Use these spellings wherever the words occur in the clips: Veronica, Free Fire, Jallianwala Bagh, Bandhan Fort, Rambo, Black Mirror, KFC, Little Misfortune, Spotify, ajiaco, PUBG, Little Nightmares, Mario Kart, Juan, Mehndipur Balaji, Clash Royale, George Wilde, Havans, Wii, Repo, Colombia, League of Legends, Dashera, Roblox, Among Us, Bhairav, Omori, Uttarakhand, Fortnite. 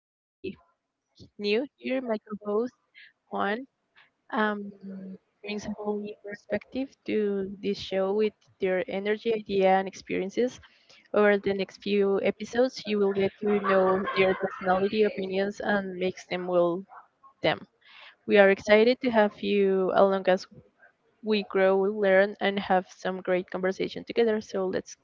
somebody new here. My co-host Juan um, brings a whole new perspective to this show with their energy, idea, and experiences. Over the next few episodes, you will get to know their personality, opinions, and makes them will them. We are excited to have you along as we grow, learn, and have some great conversation together. So let's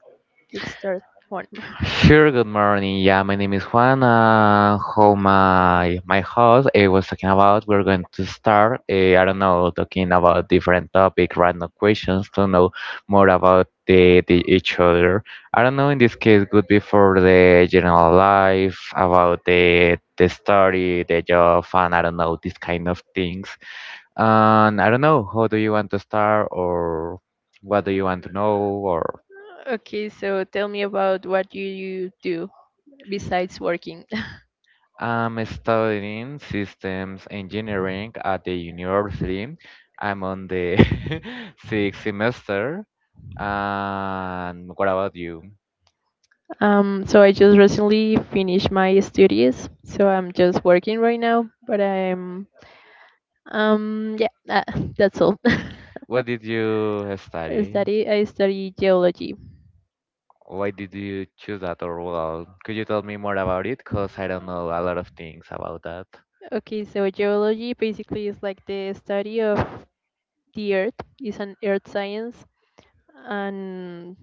let's start one. Sure, good morning. Yeah, my name is Juan. How my host was talking about, we're going to start. I don't know, talking about different topic, random questions to know more about the each other. I don't know. In this case, could be for the general life, about the story, the job, and I don't know these kind of things. And I don't know, how do you want to start, or what do you want to know, or? Okay, so tell me about what you do besides working. I'm studying systems engineering at the university. I'm on the sixth semester. And what about you? So I just recently finished my studies, so I'm just working right now. But I'm yeah, that's all. What did you I study? study I study geology. Why did you choose that or well, could you tell me more about it? Because I don't know a lot of things about that. Okay, so geology basically is like the study of the earth, it's an earth science. And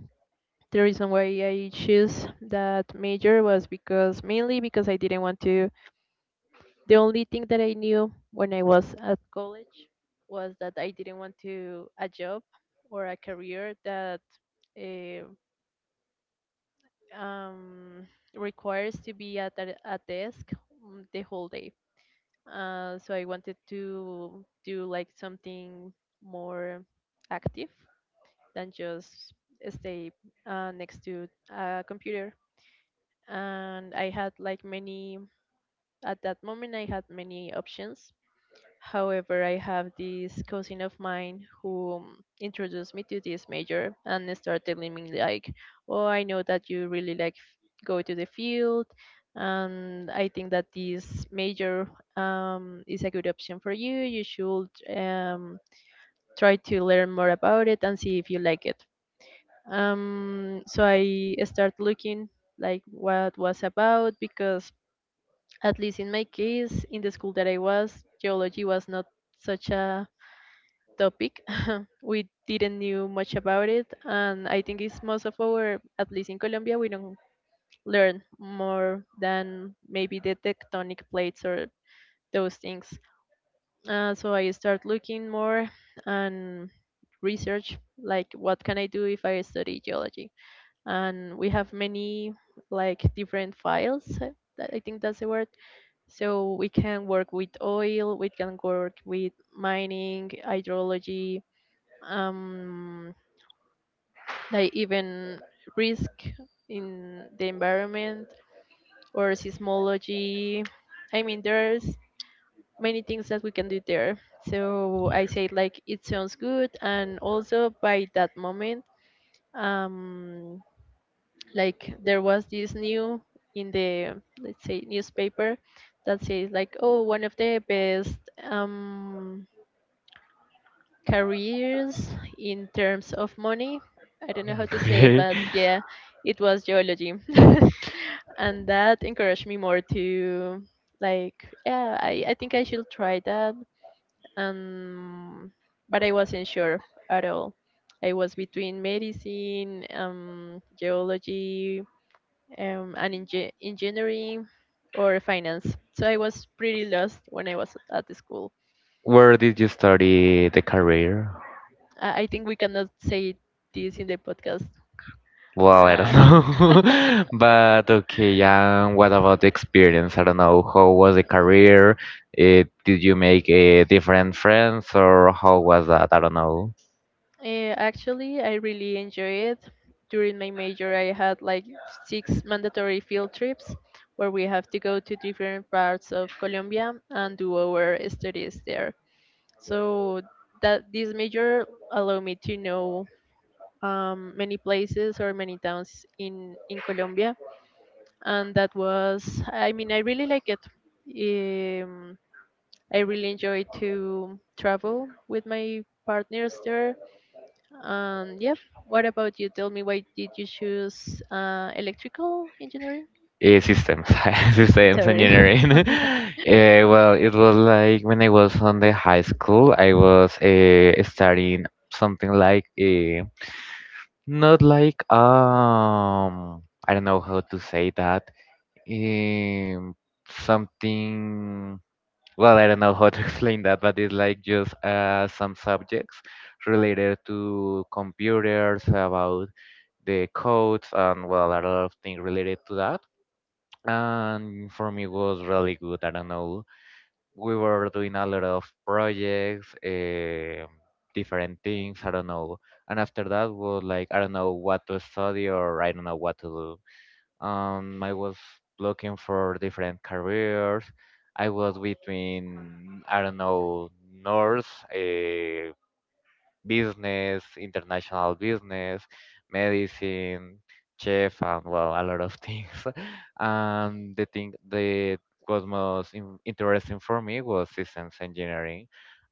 the reason why I choose that major was because mainly because I didn't want to. The only thing that I knew when I was at college was that I didn't want to a job or a career that uh, um, requires to be at a desk the whole day. So I wanted to do like something more active than just stay next to a computer. And I had like many, at that moment, I had many options. However, I have this cousin of mine who introduced me to this major and started telling me like, "Oh, I know that you really like go to the field, and I think that this major is a good option for you. You should try to learn more about it and see if you like it." So I started looking like what was about because at least in my case, in the school that I was, geology was not such a topic. We didn't knew much about it, and I think it's most of our, at least in Colombia, we don't learn more than maybe the tectonic plates or those things. So I start looking more and research like what can I do if I study geology, and we have many like different files. That- I think that's the word. So we can work with oil, we can work with mining, hydrology, um like even risk in the environment or seismology. I mean, there's many things that we can do there. So I say like it sounds good, and also by that moment, um, like there was this new in the let's say newspaper that says like, oh, one of the best um careers in terms of money. I don't know how to say it, Okay. but yeah, it was geology. And that encouraged me more to like, yeah, I think I should try that, um but I wasn't sure at all. I was between medicine, geology, and engineering or finance. So I was pretty lost when I was at the school. Where did you study the career? I think we cannot say this in the podcast. Well, I don't uh, know. But okay, what about the experience? I don't know. How was the career? Did you make different friends or how was that? I don't know. Actually, I really enjoy it. During my major, I had like six mandatory field trips where we have to go to different parts of Colombia and do our studies there. So that this major allowed me to know many places or many towns in Colombia, and that was, I mean, I really like it. Um, I really enjoy to travel with my partners there, yep. What about you? Tell me why did you choose electrical engineering? Systems, I'm systems sorry. engineering. Well, it was like when I was on the high school, I was studying something like not like I don't know how to say that. Um, Something. Well, I don't know how to explain that, but it's like just some subjects related to computers, about the codes, and well, a lot of things related to that. And for me, it was really good. I don't know. We were doing a lot of projects, different things. I don't know. And after that was like I don't know what to study or I don't know what to do. I was looking for different careers. I was between, I don't know, nurse, uh, business, international business, medicine, chef, and well, a lot of things. And the thing that was most interesting for me was systems engineering.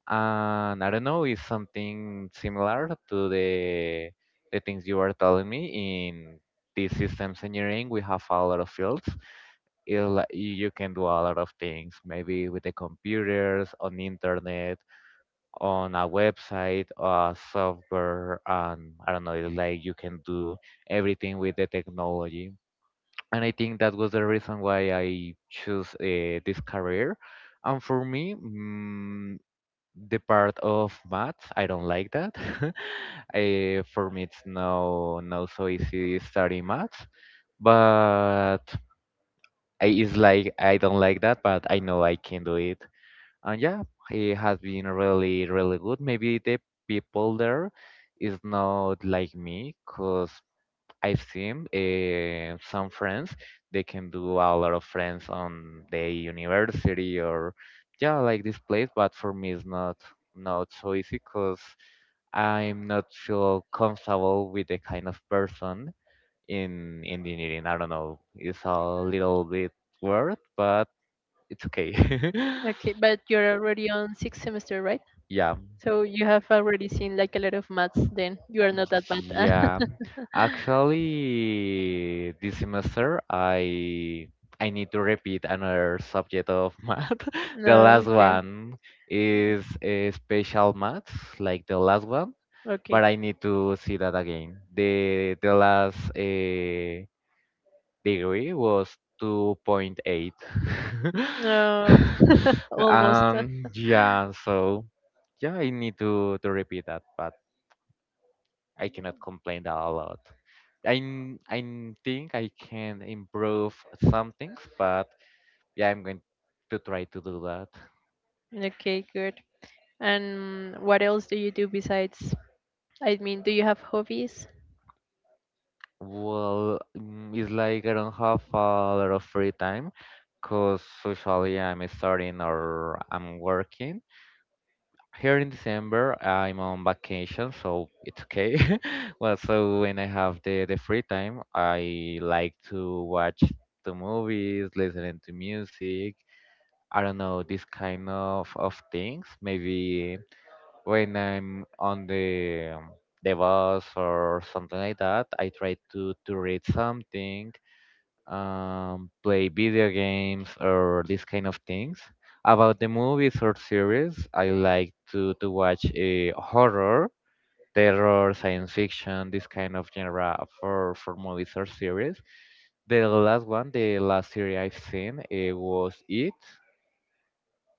And I don't know, is something similar to the things you were telling me in this systems engineering we have a lot of fields it, you can do a lot of things maybe with the computers on the internet on a website, a software, and I don't know, it's like you can do everything with the technology. And I think that was the reason why I chose this career. And for me, the part of maths, I don't like that. Eh, for me, it's no so easy studying maths, but it's like I don't like that, but I know I can do it and yeah, it has been really, really good. Maybe the people there is not like me, cause I've seen some friends they can do a lot of friends on the university or yeah, like this place. But for me, it's not so easy, cause I'm not feel comfortable with the kind of person in engineering. I don't know. It's a little bit weird, but it's okay. Okay, but you're already on sixth semester, right? Yeah. So you have already seen like a lot of maths. Then you are not that bad. Yeah, actually, this semester I need to repeat another subject of math. The No. last Okay. one is a special maths, like the last one, Okay. but I need to see that again. The last degree was 2.8. No. Almost. Yeah, so yeah, I need to repeat that, but I cannot complain a lot. Think I can improve some things, but yeah, I'm going to try to do that. Okay. Good. And what else do you do besides? I mean, do you have hobbies? Well, it's like I don't have a lot of free time because usually I'm studying or I'm working. Here in December, I'm on vacation, so it's okay. Well, so when I have the free time, I like to watch the movies, listening to music, I don't know, this kind of things. Maybe when I'm on the bus or something like that, I try to read something, play video games or this kind of things. About the movies or series, I like to watch a horror, terror, science fiction, this kind of genre for movies or series. The last one, the last series I've seen, it was It.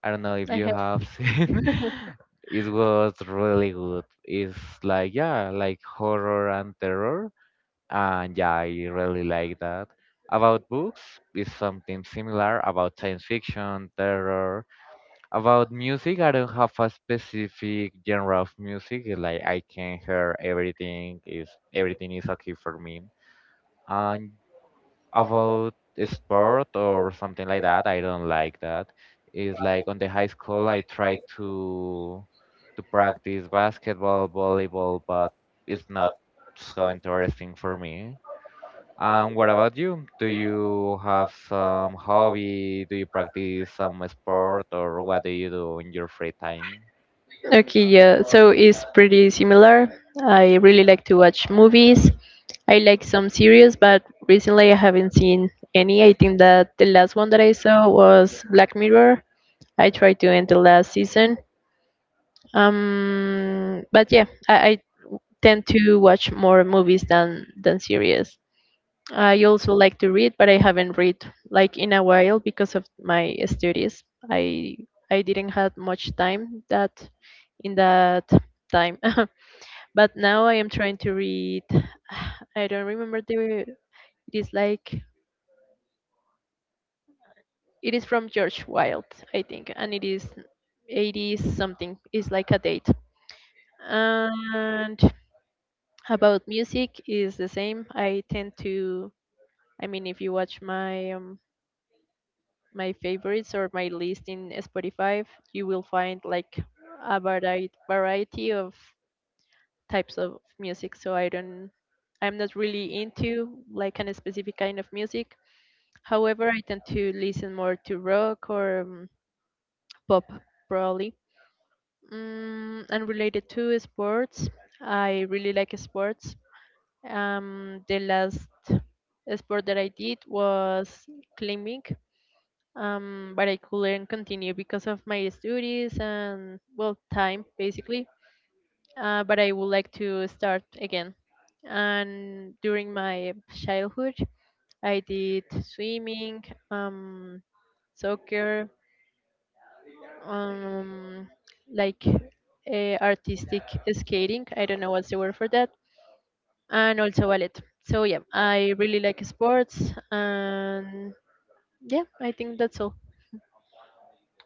I don't know if I you have. have seen. It was really good. It's like yeah, like horror and terror, and yeah, I really like that. About books it's something similar about science fiction, terror. About music, I don't have a specific genre of music. Like I can hear everything. Is Everything is okay for me. And about sport or something like that. I don't like that. It's like on the high school I try to practice basketball, volleyball, but it's not so interesting for me. And what about you? Do you have some hobby? Do you practice some sport or what do you do in your free time? Okay, yeah. So it's pretty similar. I really like to watch movies. I like some series, but recently I haven't seen any. I think that the last one that I saw was Black Mirror. I tried to end the last season. But yeah, I tend to watch more movies than series. I also like to read, but I haven't read like in a while because of my studies. I I didn't have much time that in that time. But now I am trying to read. I don't remember the. It is like it is from George Wilde, I think, and it is 80s something. It's like a date. And about music is the same. I tend to. I mean, if you watch my my favorites or my list in Spotify, you will find like a variety of types of music. So I'm not really into like an specific kind of music. However, I tend to listen more to rock or pop, probably. And related to sports, I really like sports. The last sport that I did was climbing, but I couldn't continue because of my studies and, well, time basically. But I would like to start again. And during my childhood, I did swimming, um, soccer, um like artistic skating, I don't know what's the word for that, and also ballet. So yeah, I really like sports, and yeah, I think that's all.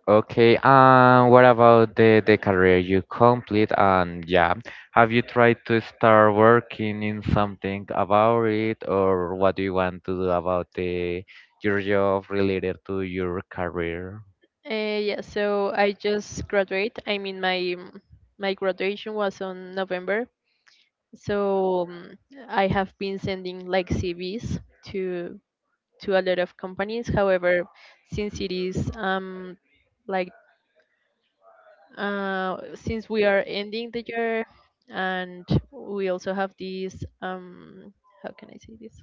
Okay, and what about the career you complete? And yeah, have you tried to start working in something about it, or what do you want to do about the your job related to your career? Uh, yeah, so I just graduate, I mean, my my graduation was on November. So I have been sending like CVs to to a lot of companies. However, since it is like, since we are ending the year, and we also have this, how can I say this,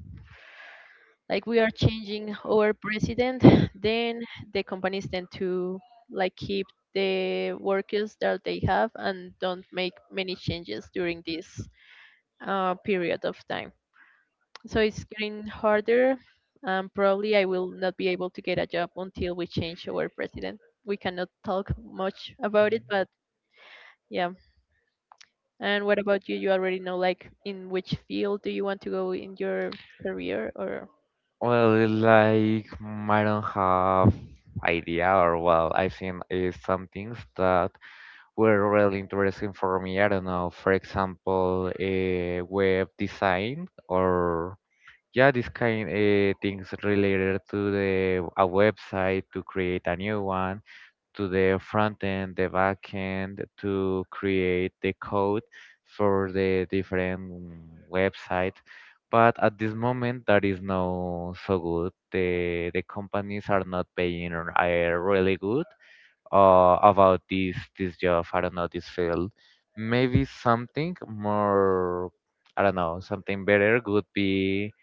like, we are changing our president. Then the companies tend to like keep the workers that they have and don't make many changes during this period of time. So it's getting harder, and probably I will not be able to get a job until we change our president. We cannot talk much about it, but yeah. And what about you? You already know like in which field do you want to go in your career or... Well, it's like I don't have idea, or well, I've seen some things that were really interesting for me. I don't know, for example, web design or yeah, this kind things related to the a website to create a new one, to the front end, the back end, to create the code for the different website. But at this moment, that is not so good. The companies are not paying really good about this job. I don't know this field. Maybe something more. I don't know. Something better would be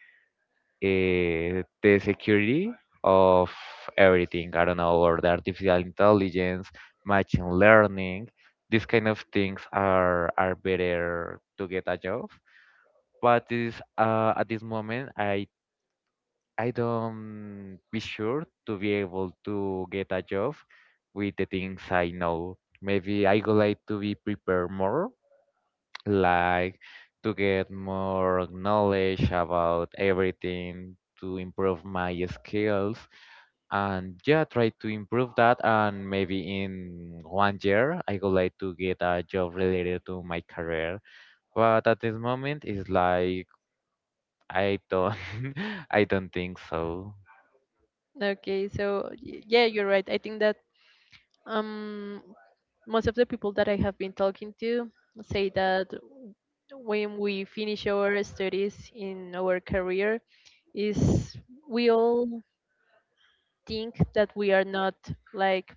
the security of everything. I don't know, or the artificial intelligence, machine learning, these kind of things are better to get a job. But this at this moment, I don't be sure to be able to get a job with the things I know. Maybe I would like to be prepared more like to get more knowledge about everything, to improve my skills, and yeah, try to improve that. And maybe in one year, I would like to get a job related to my career. But at this moment, it's like I don't, I don't think so. Okay, so yeah, you're right. I think that um most of the people that I have been talking to say that when we finish our studies in our career is we all think that we are not like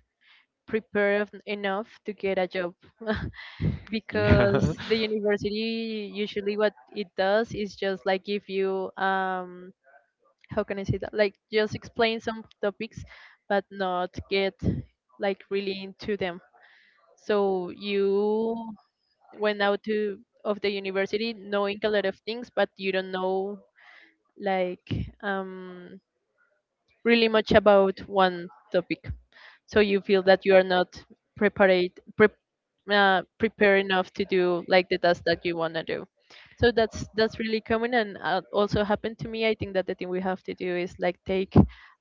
prepared enough to get a job. Because Yeah. the university usually what it does is just like give you, how can I say that, like, just explain some topics but not get like really into them. So you went out to of the university knowing a lot of things, but you don't know like um really much about one topic. So you feel that you are not prepared prepare enough to do like the task that you want to do. So that's really common, and also happened to me. I think that the thing we have to do is like take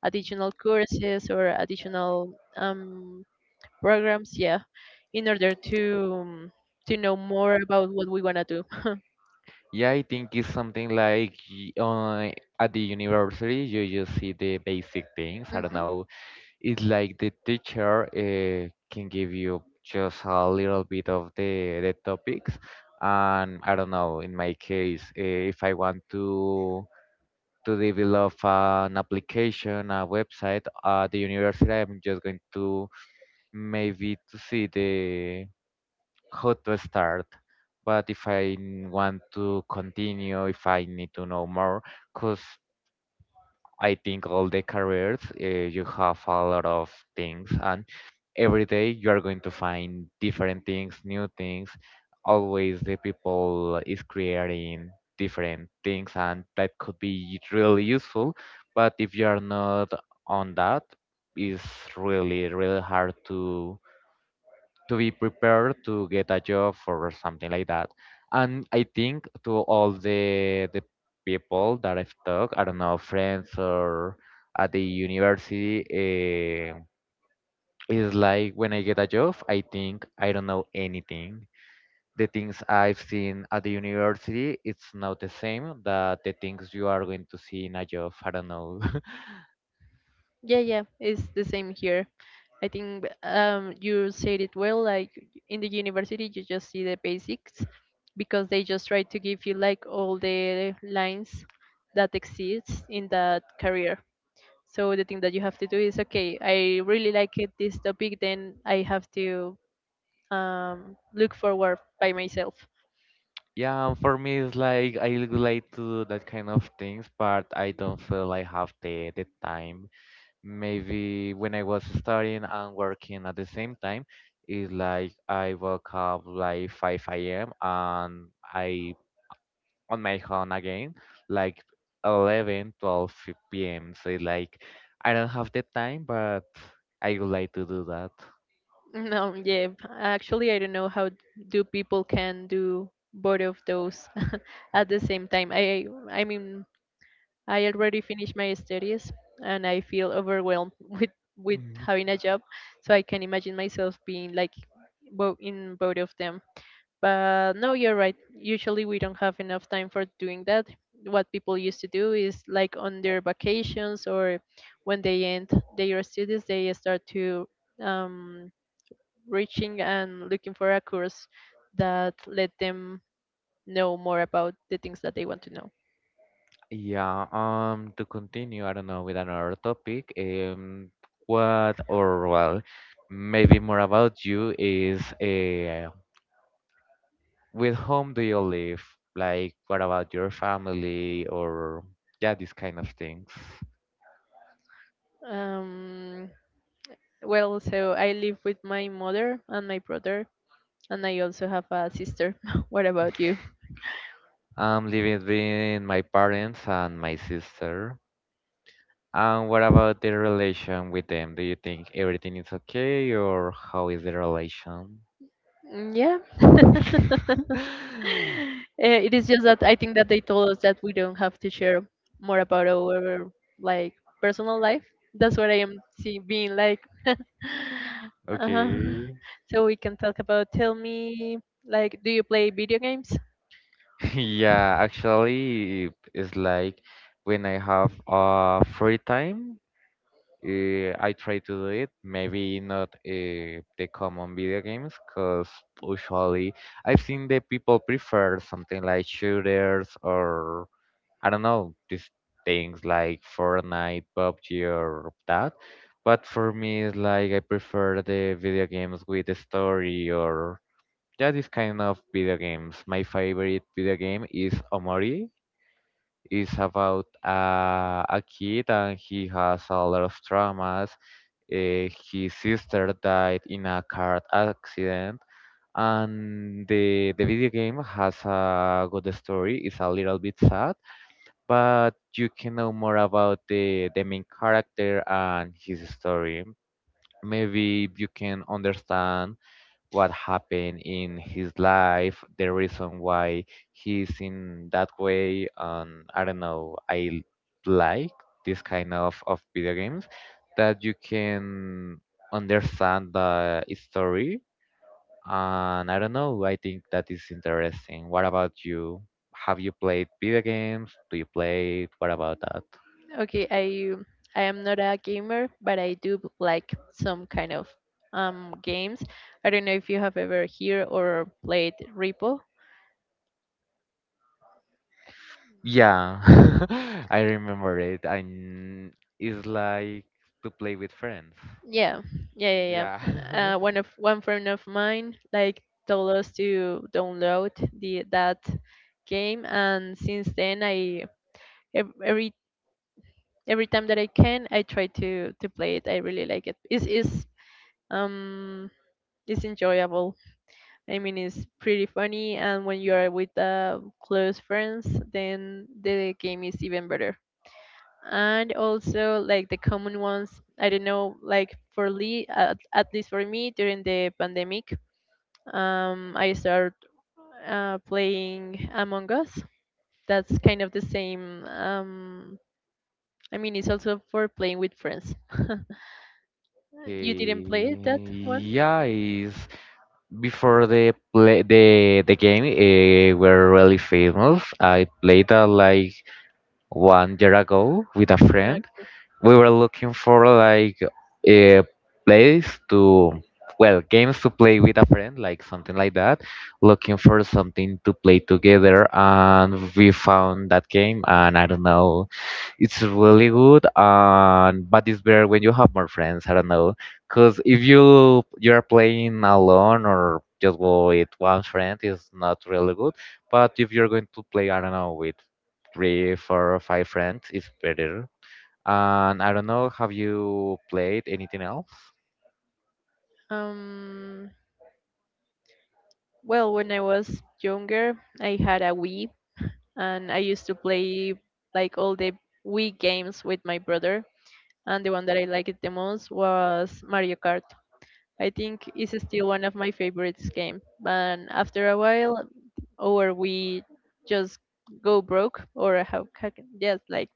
additional courses or additional programs, yeah, in order to, to know more about what we want to do. Yeah, I think it's something like at the university, you just see the basic things. I don't Hmm. know. It's like the teacher can give you just a little bit of the topics. And I don't know, in my case, if I want to develop an application, a website at the university, I'm just going to maybe to see the how to start, but if want to continue, if I need to know more, because I think all the careers you have a lot of things, and every day you are going to find different things, new things. Always the people is creating different things, and that could be really useful. But if you are not on that, it's really really hard to be prepared to get a job or something like that. And I think to all the people that I've talked, I don't know, friends or at the university, it's like when I get a job, I think I don't know anything. The things I've seen at the university, it's not the same that the things you are going to see in a job. I don't know. Yeah, yeah, it's the same here. I think, you said it well. Like in the university, you just see the basics because they just try to give you like all the lines that exists in that career. So the thing that you have to do is okay. I really like it, this topic. Then I have to, look forward by myself. Yeah, and for me, it's like I would like to do that kind of things, but I don't feel I have the time maybe when I was studying and working at the same time, it's like I woke up like 5 a.m. and I on my phone again, like 11, 12 p.m. So it's like I don't have the time, but I would like to do that. No, yeah. Actually, I don't know how do people can do both of those at the same time. I mean, I already finished my studies and I feel overwhelmed with Mhm. having a job, so I can imagine myself being like both in both of them. But no, you're right. Usually we don't have enough time for doing that. What people used to do is like on their vacations or when they end their studies, they start to, um, reaching and looking for a course that let them know more about the things that they want to know. Yeah, to continue, I don't know, with another topic, what or well, maybe more about you is with whom do you live? Like, what about your family or yeah, these kind of things. Um, Well so I live with my mother and my brother, and I also have a sister. What about you? I'm living with my parents and my sister. And what about the relation with them? Do you think everything is okay or how is the relation? Mm, yeah. It is just that I think that they told us that we don't have to share more about our like personal life. That's what I am see being like. uh Okay. So we can talk about, tell me, like, do you play video games? Yeah, actually, it's like when I have free time, I try to do it. Maybe not the common video games, because usually I've seen that people prefer something like shooters or I don't know these things like Fortnite, PUBG, or that. But for me, it's like I prefer the video games with the story or. Yeah, this kind of video games. My favorite video game is Omori. It's about a kid and he has a lot of traumas. His sister died in a car accident, and the video game has a good story. It's a little bit sad, but you can know more about the main character and his story. Maybe you can understand what happened in his life, the reason why he's in that way. And I don't know, I like this kind of video games that you can understand the story. And I don't know, I think that is interesting. What about you? Have you played video games? Do you play it? What about that? Okay, I am not a gamer, but I do like some kind of games. I don't know if you have ever heard or played Repo. Yeah, I remember it. And it's like to play with friends. Yeah, yeah, yeah, yeah. Yeah. One friend of mine like told us to download the that game, and since then I ev- every every time that I can, I try to play it. I really like it. It's is um it's enjoyable. I mean, it's pretty funny, and when you are with close friends, then the game is even better. And also, like the common ones, I don't know, like for Lee, at least for me, during the pandemic, I started playing Among Us. That's kind of the same. I mean, it's also for playing with friends. You didn't play it, Okay, that one? yeah, is before the play the game were really famous. I played that like 1 year ago with a friend. Okay. We were looking for like a place to, well, games to play with a friend, like something like that. Looking for something to play together, and we found that game. And I don't know, it's really good, and but it's better when you have more friends. I don't know, because if you are playing alone or just with one friend, it's not really good. But if you're going to play, I don't know, with 3, 4 or five friends, it's better. And I don't know, have you played anything else? Um, well, when I was younger, I had a Wii, and I used to play like all the Wii games with my brother. And the one that I liked the most was Mario Kart. I think it's still one of my favorites game. But after a while, or we just go broke, or how yes, like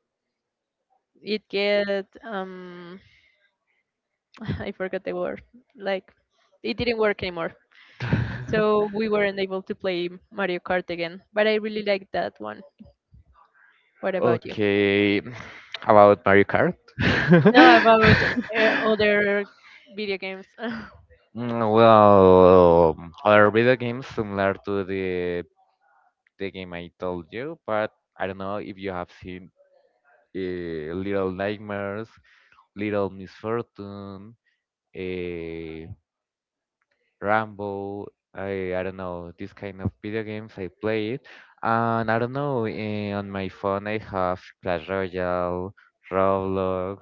it get I forgot the word. Like it didn't work anymore. So we weren't able to play Mario Kart again. But I really liked that one. What about you? Okay, about Mario Kart? No, about other video games. Mm, well, other video games similar to the game I told you, but I don't know if you have seen Little Nightmares, Little Misfortune, uh, Rambo. I don't know, this kind of video games I play it, and I don't know, on my phone I have Clash Royale, Roblox,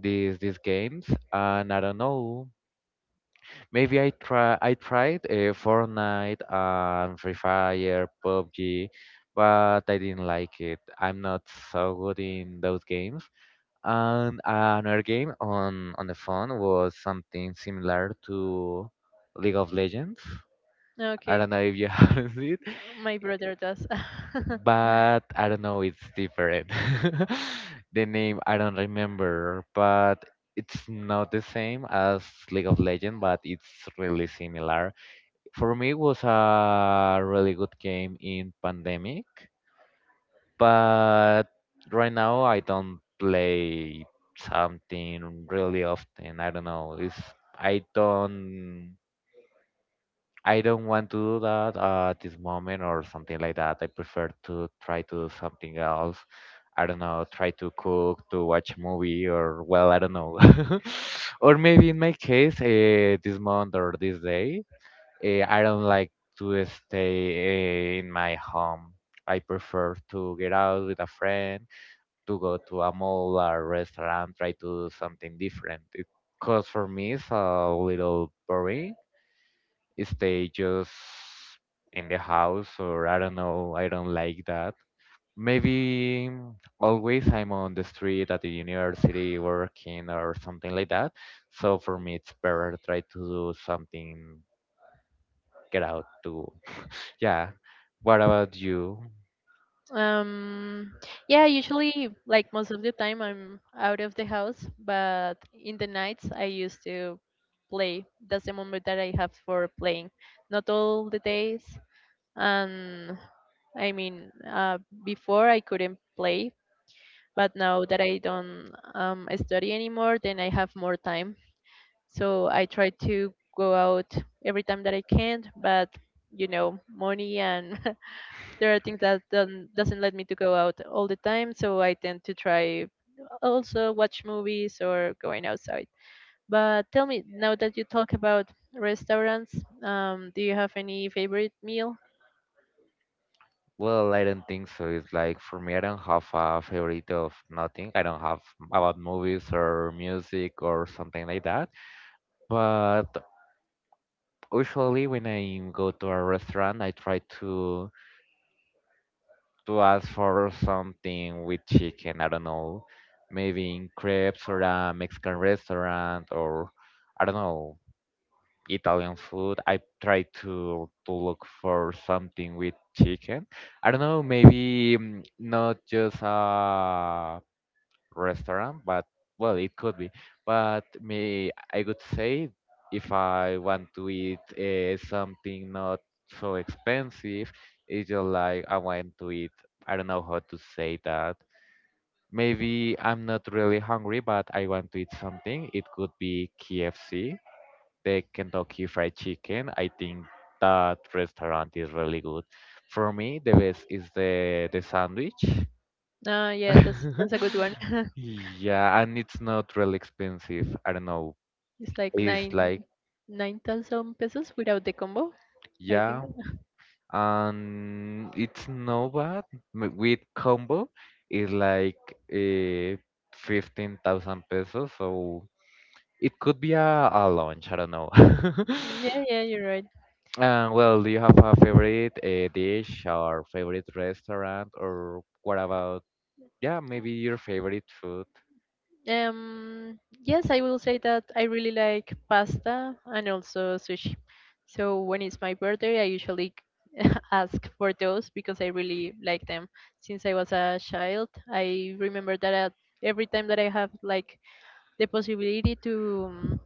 these games, and I don't know. Maybe I tried Fortnite and Free Fire, PUBG, but I didn't like it. I'm not so good in those games. And another game on the phone was something similar to League of Legends. I Okay, don't know if you haven't seen it, my brother does. but I don't know, it's different. The name I don't remember, but it's not the same as League of Legends, but it's really similar. For me, it was a really good game in pandemic, but right now I don't play something really often. I don't know. It's, I don't I don't want to do that at this moment or something like that. I prefer to try to do something else. I don't know, try to cook, to watch a movie, or well, I don't know. Or maybe in my case, this month or this day, I don't like to stay in my home. I prefer to get out with a friend, to go to a mall or restaurant, try to do something different. Because for me, it's a little boring. Stay just in the house, or I don't know, I don't like that. Maybe always I'm on the street at the university working or something like that. So for me, it's better to try to do something, get out, to, yeah. What about you? um, yeah, usually, like most of the time, I'm out of the house, but in the nights, I used to play. That's the moment that I have for playing. Not all the days. And I mean, before I couldn't play, but now that I don't study anymore, then I have more time. So I try to go out every time that I can, but you know, money and there are things that don't, doesn't let me to go out all the time, so I tend to try also watch movies or going outside. But tell me, now that you talk about restaurants, do you have any favorite meal? Well, I don't think so. It's like for me, I don't have a favorite of nothing. I don't have about movies or music or something like that. But usually, when I go to a restaurant, I try to ask for something with chicken. I don't know, maybe in crepes or a Mexican restaurant or, I don't know, Italian food. I try to look for something with chicken. I don't know, maybe mm, not just a restaurant, but well, it could be. But me, I would say if I want to eat something not so expensive, it's just like I want to eat. I don't know how to say that. Maybe I'm not really hungry, but I want to eat something. It could be KFC, the Kentucky Fried Chicken. I think that restaurant is really good. For me, the best is the sandwich. Yeah, that's a good one. Yeah, and it's not really expensive. I don't know. It's like It's nine like, nine thousand pesos without the combo, I yeah, think. and it's no bad. M- With combo, is like uh, 15,000 pesos. So it could be a lunch. I don't know. Yeah, yeah, you're right. Well, do you have a favorite dish or favorite restaurant, or what about, yeah, maybe your favorite food? Yes, I will say that I really like pasta and also sushi. So when it's my birthday, I usually ask for those because I really like them. Since I was a child, I remember that at every time that I have like the possibility to,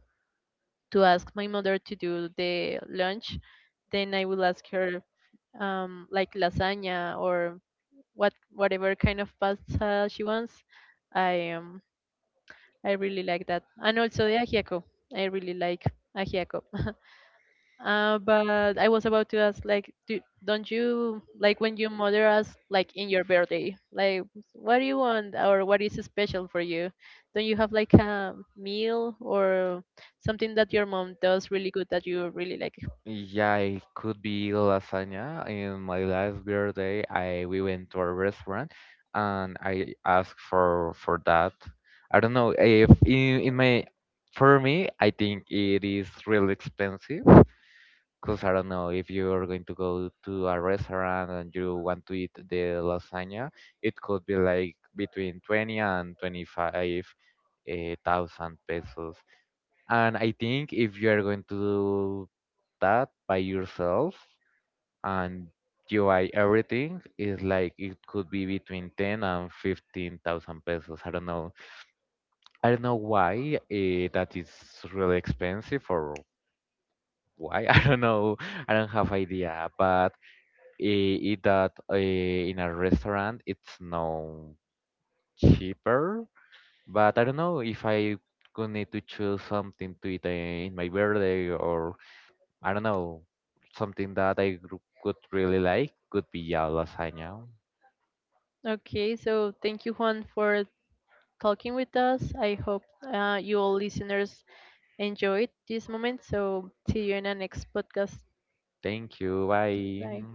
to ask my mother to do the lunch, then I will ask her, like lasagna or whatever kind of pasta she wants. I um, I really like that. And also the ajiaco. I really like ajiaco. But I was about to ask, like, do, don't you, like, when your mother asks, like, in your birthday, like, what do you want or what is special for you? Don't you have, like, a meal or something that your mom does really good that you really like? Yeah, it could be lasagna. In my last birthday, I we went to a restaurant and I asked for that. I don't know if in my, for me, I think it is really expensive. Because I don't know, if you're going to go to a restaurant and you want to eat the lasagna, it could be like between 20 and 25 thousand pesos. And I think if you are going to do that by yourself and you buy everything, is like it could be between 10 and 15 thousand pesos. I don't know. I don't know why that is really expensive or why. I don't know. I don't have idea, but eat that in a restaurant, it's no cheaper. But I don't know if I could need to choose something to eat in my birthday or I don't know, something that could really like could be a lasagna. Okay, so thank you, Juan, for talking with us. I hope you all listeners enjoyed this moment. So see you in the next podcast. Thank you. Bye. Bye.